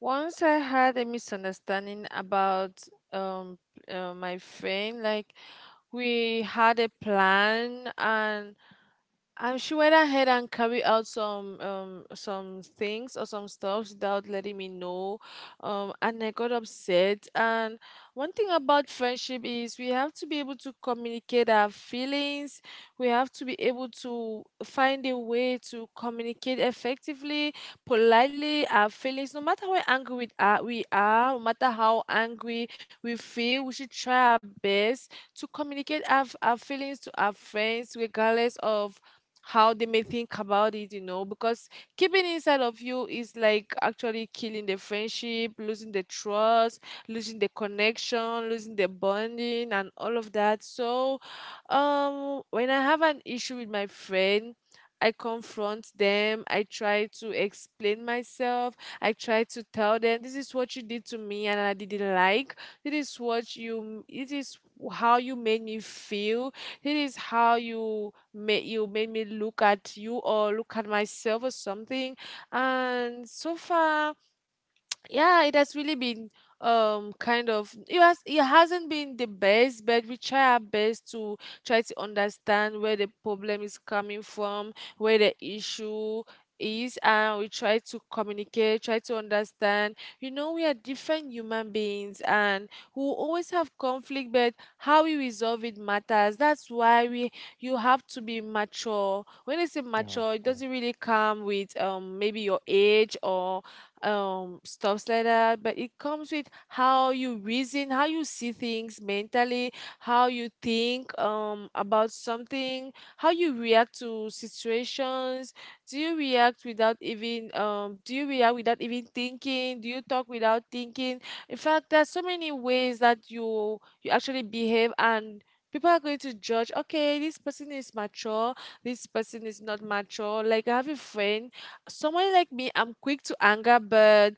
once I had a misunderstanding about um my friend, like we had a plan and she went ahead and carried out some things or some stuff without letting me know. And I got upset. And one thing about friendship is we have to be able to communicate our feelings. We have to be able to find a way to communicate effectively politely our feelings, no matter how angry we are, no matter how angry we feel, we should try our best to communicate our feelings to our friends, regardless of how they may think about it, you know, because keeping inside of you is like actually killing the friendship, losing the trust, losing the connection, losing the bonding, and all of that. So, when I have an issue with my friend, I confront them. I try to explain myself. I try to tell them this is what you did to me and I didn't like. This is what you it is how you made me feel. This is how you made me look at you or look at myself or something. And so far, yeah, it has really been kind of, it hasn't been the best, but we try our best to try to understand where the problem is coming from, where the issue is, and we try to communicate, try to understand. You know, we are different human beings and we will always have conflict, but how we resolve it matters. That's why we you have to be mature. When I say
Yeah.
mature, it doesn't really come with maybe your age or stuffs like that, but it comes with how you reason, how you see things mentally, how you think about something, how you react to situations. Do you react without even thinking? Do you talk without thinking? In fact, there's so many ways that you actually behave and people are going to judge, okay, this person is mature, this person is not mature. Like, I have a friend, someone like me, I'm quick to anger, but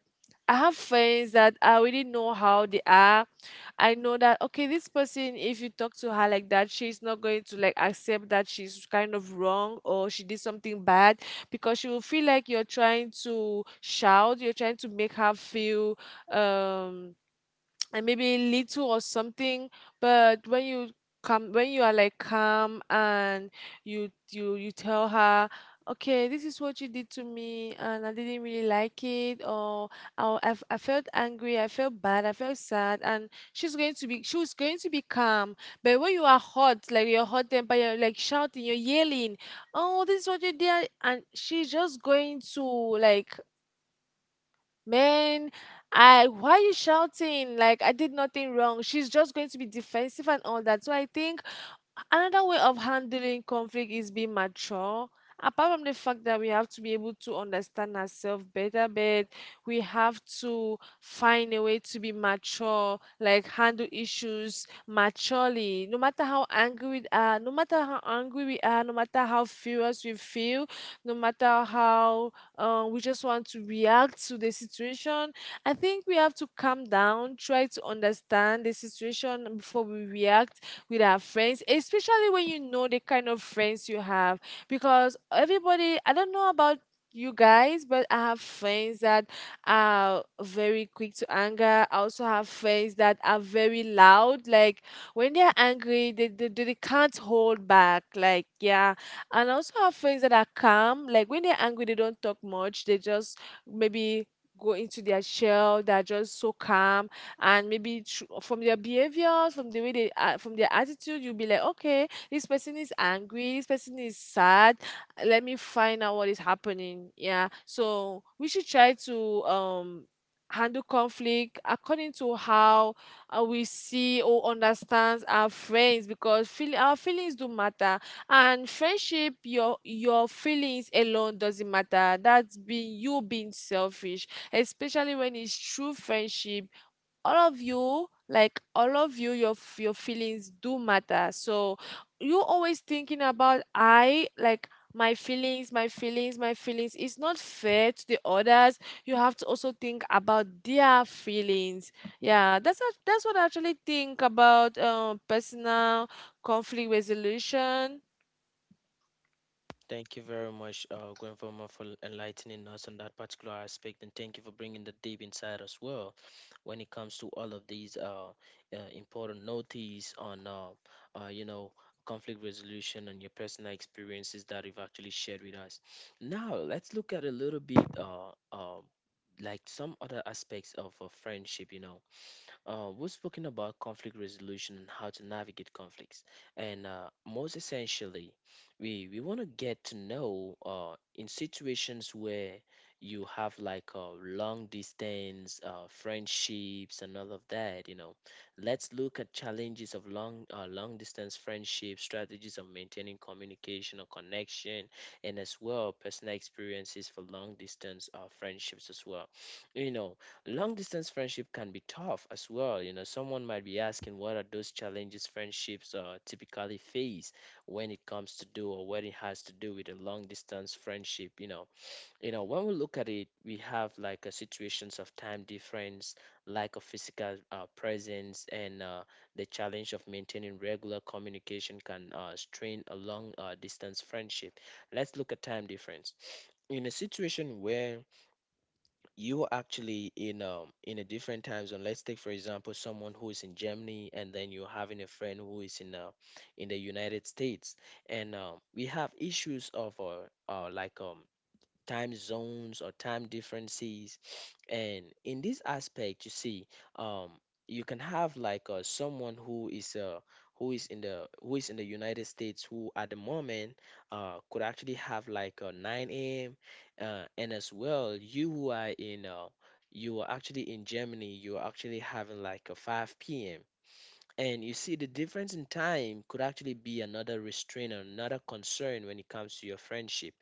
I have friends that I already know how they are. I know that okay, this person, if you talk to her like that, she's not going to like accept that she's kind of wrong or she did something bad, because she will feel like you're trying to shout, you're trying to make her feel um and maybe little or something. But when you are like calm and you tell her okay, this is what you did to me and I didn't really like it, or I felt angry, I felt bad, I felt sad, and she was going to be calm. But when you are hot, like you're hot temper, you're like shouting, you're yelling, oh, this is what you did, and she's just going to like, man, I why are you shouting? Like, I did nothing wrong. She's just going to be defensive and all that. So I think another way of handling conflict is being mature. Apart from the fact that we have to be able to understand ourselves better, but we have to find a way to be mature, like handle issues maturely. No matter how angry we are, no matter how furious we feel, no matter how we just want to react to the situation, I think we have to calm down, try to understand the situation before we react with our friends, especially when you know the kind of friends you have. Because everybody, I don't know about you guys, but I have friends that are very quick to anger. I also have friends that are very loud. Like when they're angry, they can't hold back. Like, yeah. And I also have friends that are calm. Like when they're angry, they don't talk much. They just maybe go into their shell, they're just so calm. And maybe from their behaviors, from the way they are, from their attitude, you'll be like okay, this person is angry, this person is sad, let me find out what is happening. Yeah, so we should try to handle conflict according to how we see or understand our friends. Because our feelings do matter, and friendship, your feelings alone doesn't matter, that's being you being selfish, especially when it's true friendship. All of you, like all of you, your your feelings do matter. So you always thinking about, I like my feelings, my feelings, my feelings. It's not fair to the others. You have to also think about their feelings. Yeah, that's what I actually think about personal conflict resolution.
Thank you very much, Gwenfama, for enlightening us on that particular aspect, and thank you for bringing the deep inside as well when it comes to all of these, important notices on, you know, conflict resolution and your personal experiences that you've actually shared with us. Now, let's look at a little bit, like some other aspects of friendship, you know. We've spoken about conflict resolution and how to navigate conflicts. And most essentially, we want to get to know, in situations where you have like, long distance friendships and all of that, you know, let's look at challenges of long, long distance friendships, strategies of maintaining communication or connection, and as well personal experiences for long distance friendships as well. You know, long distance friendship can be tough as well. You know, someone might be asking what are those challenges friendships typically face when it comes to do or when it has to do with a long distance friendship. You know, when we look at it, we have situations of time difference, lack of physical presence, and the challenge of maintaining regular communication can strain a long distance friendship. Let's look at time difference in a situation where you are actually in a different time zone. Let's take for example someone who is in Germany and then you're having a friend who is in the United States, and we have issues of uh like um time zones or time differences. [sniffs] And in this aspect you see um you can have like someone who is who is in the United States, who at the moment could actually have like 9 a.m., and as well you who are in you are actually in Germany, you are actually having like a 5 p.m. And you see, the difference in time could actually be another restraint or another concern when it comes to your friendship.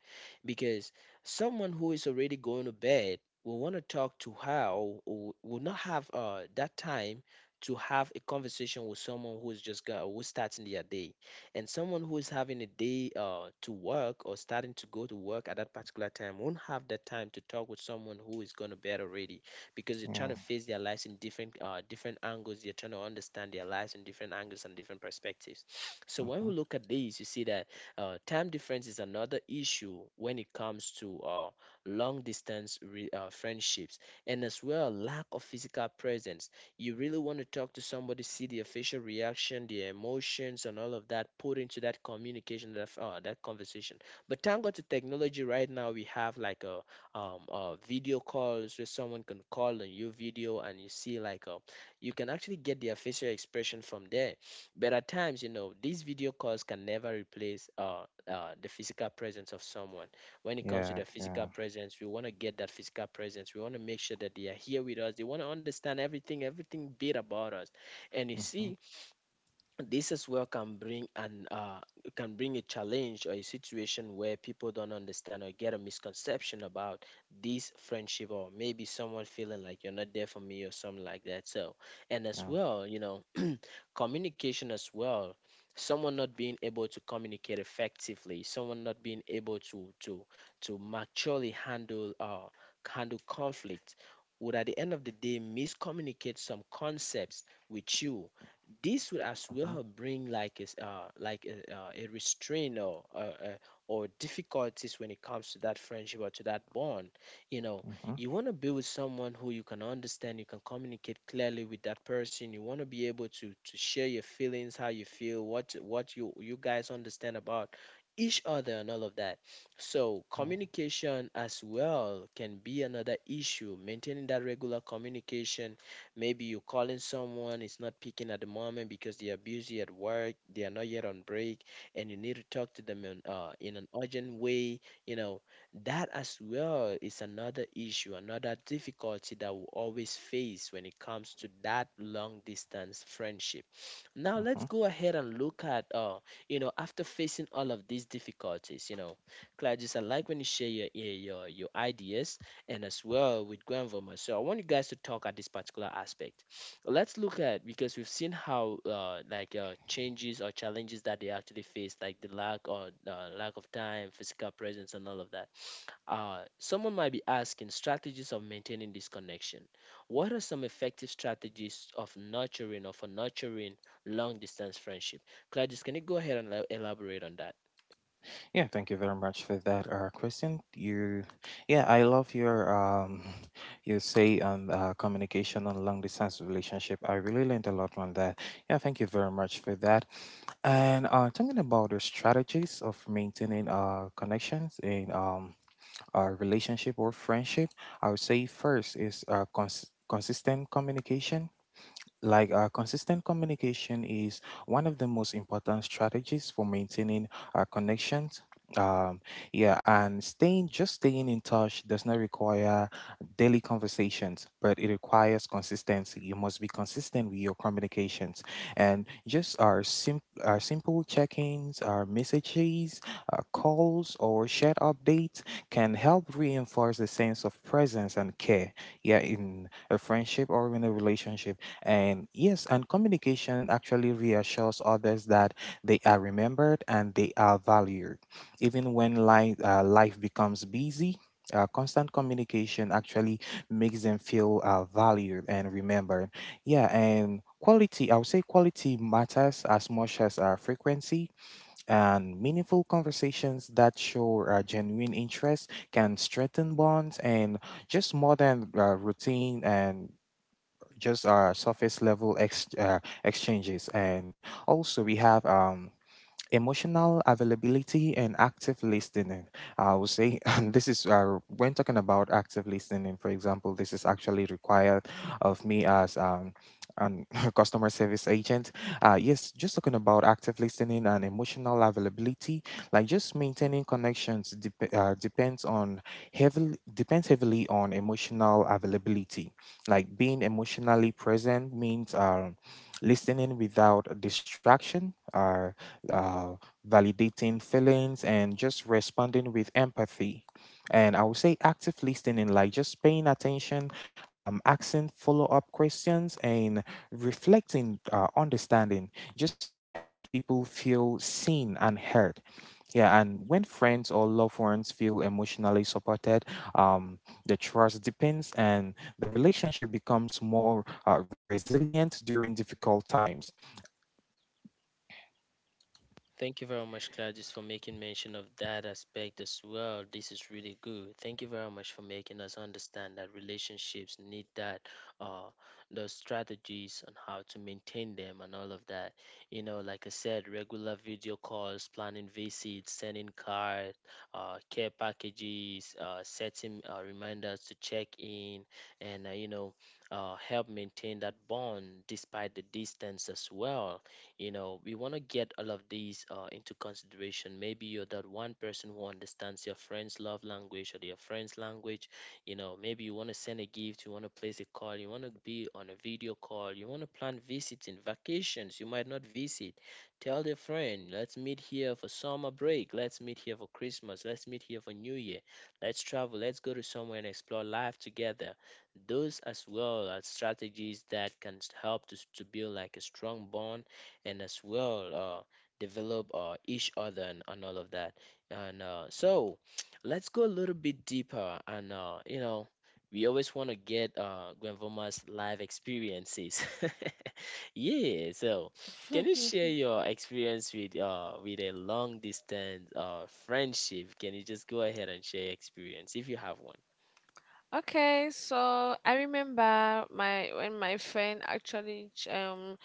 Because someone who is already going to bed will want to talk to her, or will not have that time to have a conversation with someone who's just got who's starting their day. And someone who is having a day to work or starting to go to work at that particular time won't have that time to talk with someone who is going to bed already, because you're trying to
Yeah.
face their lives in different angles. You're trying to understand their lives in different angles and different perspectives. So when we
Mm-hmm.
look at these, you see that time difference is another issue when it comes to long distance friendships, and as well lack of physical presence. You really want to talk to somebody, see the facial reaction, the emotions, and all of that put into that communication, that conversation. But thank God to technology, right now we have like a video calls where someone can call on your video and you see like you can actually get their facial expression from there. But at times, you know, these video calls can never replace the physical presence of someone. When it comes to
Yeah.
the physical
Yeah.
presence, we want to get that physical presence. We want to make sure that they are here with us. They want to understand everything, everything bit about us. And you
Mm-hmm.
see, this as well can bring an can bring a challenge or a situation where people don't understand or get a misconception about this friendship, or maybe someone feeling like you're not there for me or something like that. So, and as
Yeah.
well you know, communication as well, someone not being able to communicate effectively, someone not being able to maturely handle conflict, would at the end of the day miscommunicate some concepts with you. This would as
Mm-hmm.
well bring like a s- like a restraint or difficulties when it comes to that friendship or to that bond. You know,
Mm-hmm.
you want to be with someone who you can understand, you can communicate clearly with that person. You want to be able to share your feelings, how you feel, what you guys understand about each other and all of that. So communication as well can be another issue, maintaining that regular communication. Maybe you're calling someone, it's not picking at the moment because they are busy at work, they are not yet on break, and you need to talk to them in an urgent way. You know, that as well is another issue, another difficulty that we always face when it comes to that long distance friendship. Now
Mm-hmm.
let's go ahead and look at you know, after facing all of these difficulties, you know, Claudius, I like when you share your your ideas, and as well with Granville. So I want you guys to talk at this particular aspect. Let's look at, because we've seen how changes or challenges that they actually face, like the lack or lack of time, physical presence, and all of that. Someone might be asking strategies of maintaining this connection. What are some effective strategies of nurturing or for nurturing long distance friendship. Gladys, can you go ahead and elaborate on that?
Yeah. Thank you very much for that, Christian. Yeah, I love your [sighs] [laughs] you say on communication and long distance relationship. I really learned a lot on that. Yeah. Thank you very much for that. And talking about the strategies of maintaining connections in our relationship or friendship, I would say first is consistent communication. Like consistent communication is one of the most important strategies for maintaining our connections. um yeah, and staying in touch does not require daily conversations, but it requires consistency. You must be consistent with your communications. And just our simple check-ins, our messages, our calls, or shared updates can help reinforce the sense of presence and care, yeah, in a friendship or in a relationship. And yes, and communication actually reassures others that they are remembered and they are valued. Even when life becomes busy, constant communication actually makes them feel valued and remembered. Yeah, and quality, I would say quality matters as much as frequency, and meaningful conversations that show genuine interest can strengthen bonds and just more than routine and just our surface level exchanges. And also we have emotional availability and active listening, I would say. [laughs] And this is when talking about active listening, for example, this is actually required of me as an [laughs] customer service agent. Yes, just talking about active listening and emotional availability, like just maintaining connections depends heavily on emotional availability. Like being emotionally present means listening without distraction uh, validating feelings, and just responding with empathy. And I would say active listening, like just paying attention, asking follow up questions, and reflecting understanding just helps people feel seen and heard. Yeah, and when friends or loved ones feel emotionally supported, um, the trust deepens and the relationship becomes more resilient during difficult times.
Thank you very much, Gladys, for making mention of that aspect as well. This is really good. Thank you very much for making us understand that relationships need that, uh, the strategies on how to maintain them and all of that. You know, like I said, regular video calls, planning visits, sending cards, care packages, setting reminders to check in, and you know, help maintain that bond despite the distance as well. You know, we want to get all of these into consideration. Maybe you're that one person who understands your friend's love language or your friend's language. You know, maybe you want to send a gift, you want to place a call, you want to be on a video call, you want to plan visiting vacations. You might not visit, tell the friend let's meet here for summer break, let's meet here for Christmas, let's meet here for New Year, let's travel, let's go to somewhere and explore life together. Those as well are strategies that can help to build like a strong bond, and as well develop each other, and all of that. And so [tsk] let's go a little bit deeper. And you know, we always want to get Gwenvoma's live experiences. [laughs] Yeah. So can you share your experience with a long distance friendship? Can you just go ahead and share your experience if you have one?
Okay, so I remember my when my friend actually ch- um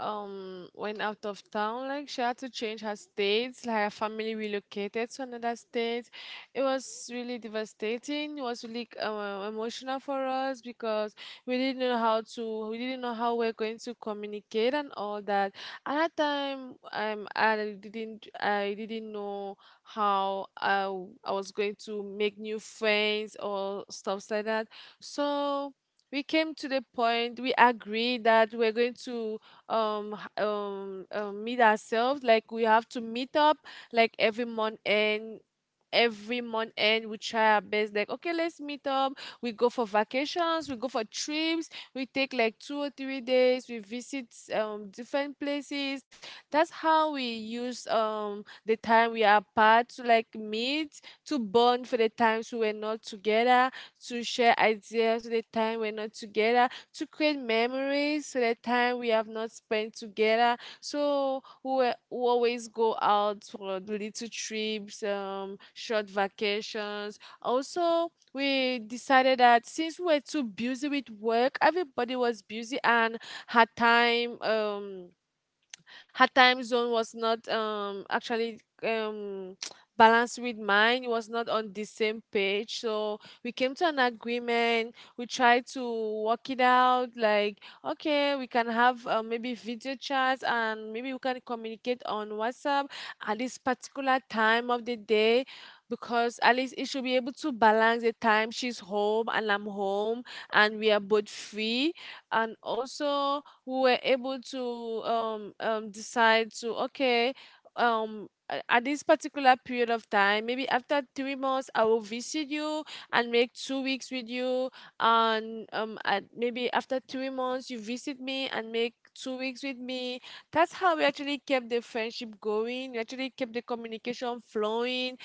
um went out of town, like she had to change her states, like her family relocated to another state. It was really devastating. It was really emotional for us because we didn't know how we're going to communicate and all that. At that time, I didn't know how I was going to make new friends or stuff like that. So we came to the point we agreed that we're going to meet ourselves. Like we have to meet up, like every month end we try our best, like okay, let's meet up. We go for vacations, we go for trips, we take like 2 or 3 days, we visit different places. That's how we use the time we are apart, to like meet, to bond for the times we were not together, to share ideas for the time we're not together, to create memories for the time we have not spent together. So we always go out for little trips, short vacations. Also, we decided that since we were too busy with work, everybody was busy and had time. Her time zone was not actually um [tsk] balanced with mine, it was not on the same page, so we came to an agreement, we tried to work it out, like okay, we can have maybe video chats and maybe we can communicate on WhatsApp at this particular time of the day, because at least it should be able to balance the time she's home and I'm home and we are both free. And also, who were able to decide to okay, at this particular period of time, maybe after 3 months I will visit you and make 2 weeks with you, and at maybe after 3 months you visit me and make 2 weeks with me. That's how we actually kept the friendship going, we actually kept the communication flowing,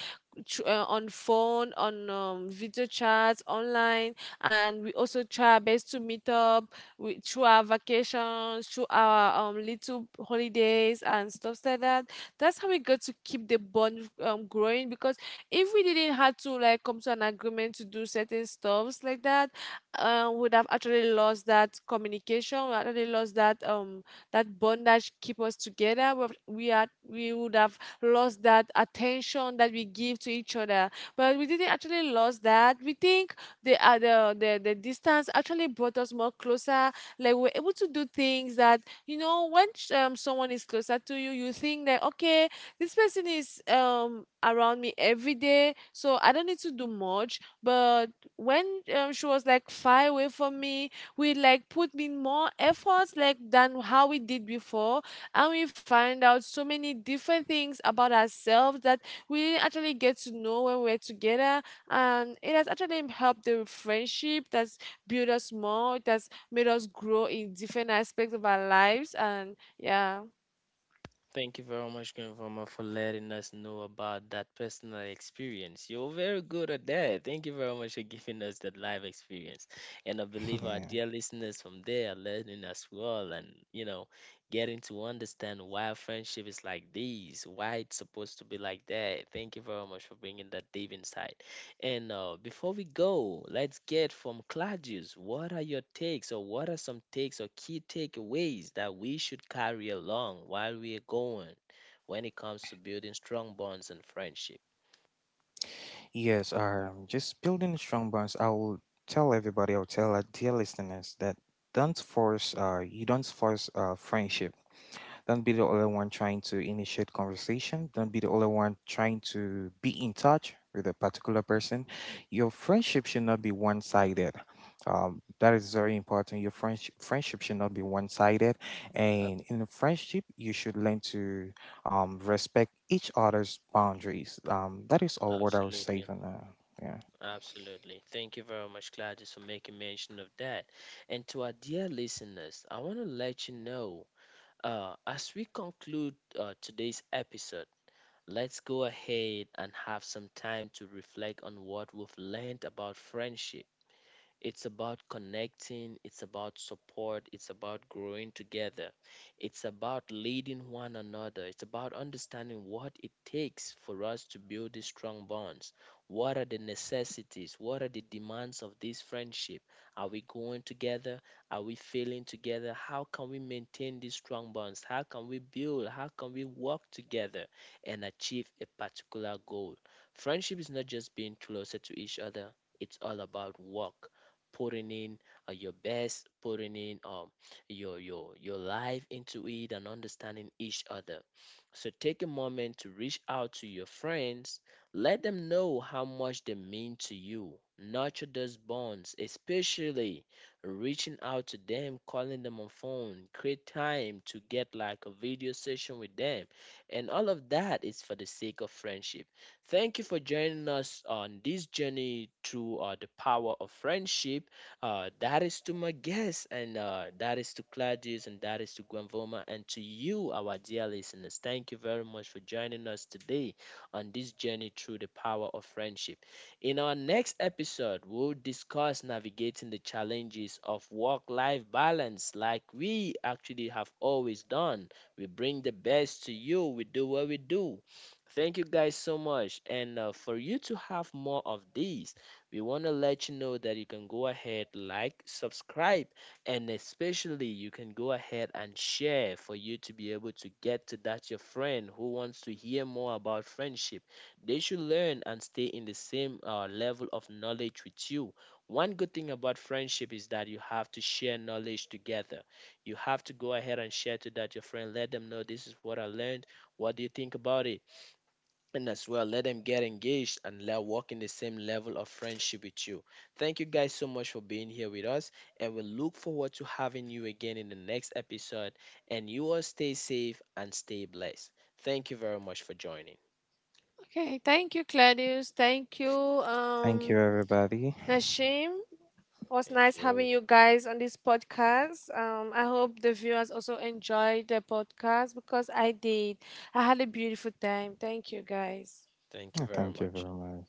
on phone, on video chats online. And we also try our best to meet up, through our vacations, through our little holidays and stuff like that. That's how we got to keep the bond growing. Because if we didn't have to like come to an agreement to do certain stuffs like that, would have actually lost that communication. We actually lost that that bond that keep us together. We would have lost that attention that we give to each other. But we didn't actually lost that. We think the the distance actually brought us more closer. Like we're able to do things that, you know, when someone is closer to you, you think that okay, this person is around me every day, so I don't need to do much. But when she was like far away from me, we like put in more efforts like than how we did before, and we find out so many different things about ourselves that we didn't actually get to know when we were together, and it has actually helped the friendship, that's built us more, it has made us grow in different aspects of our lives. And yeah,
Thank you very much, Grandmama, for letting us know about that personal experience. You're very good at that. Thank you very much for giving us that live experience. And I believe our
[laughs]
dear listeners from there are learning as well, and you know, getting to understand why friendship is like this, why it's supposed to be like that. Thank you very much for bringing that deep insight. And before we go, let's get from Claudius. What are your takes, or what are some takes or key takeaways that we should carry along while we are going when it comes to building strong bonds and friendship?
Yes, just building strong bonds. I will tell everybody, I'll tell our dear listeners that don't force. You don't force friendship. Don't be the only one trying to initiate conversation. Don't be the only one trying to be in touch with a particular person. Your friendship should not be one sided. That is very important. Your friendship should not be one sided,
Ab-
and in a friendship, you should learn to respect each other's boundaries. That is all what I was
Absolutely,
saying for now. Yeah.
absolutely. Thank you very much, Claudius, for making mention of that. And to our dear listeners, I want to let you know as we conclude today's episode. Let's go ahead and have some time to reflect on what we've learned about friendship. It's about connecting, it's about support, it's about growing together, it's about leading one another, it's about understanding what it takes for us to build these strong bonds. What are the necessities? What are the demands of this friendship? Are we going together? Are we failing together? How can we maintain these strong bonds? How can we build? How can we work together and achieve a particular goal? Friendship is not just being closer to each other, it's all about work, putting in your best, putting in your life into it, and understanding each other. So take a moment to reach out to your friends. Let them know how much they mean to you. Nurture those bonds, especially reaching out to them, calling them on phone, create time to get like a video session with them. And all of that is for the sake of friendship. Thank you for joining us on this journey through the power of friendship. That is to my guests, and that is to Claudius, and that is to Granvoma, and to you, our dear listeners. Thank you very much for joining us today on this journey through the power of friendship. In our next episode, we'll discuss navigating the challenges of work life balance, like we actually have always done. We bring the best to you, we do what we do. Thank you guys so much. And for you to have more of these, we want to let you know that you can go ahead, like, subscribe, and especially you can go ahead and share, for you to be able to get to that your friend who wants to hear more about friendship. They should learn and stay in the same level of knowledge with you. One good thing about friendship is that you have to share knowledge together. You have to go ahead and share to that your friend. Let them know, this is what I learned. What do you think about it? And as well, let them get engaged and let walk in the same level of friendship with you. Thank you guys so much for being here with us, and we look forward to having you again in the next episode. And you all stay safe and stay blessed. Thank you very much for joining.
okay, thank you, Claudius, thank you,
Thank you, everybody.
Nashim. It was
Thank
nice having
you.
you guys on this podcast. I hope the viewers also enjoyed the podcast because I did. I had a beautiful time. Thank you, guys.
Thank you
Yeah,
very
thank you
much.
very much.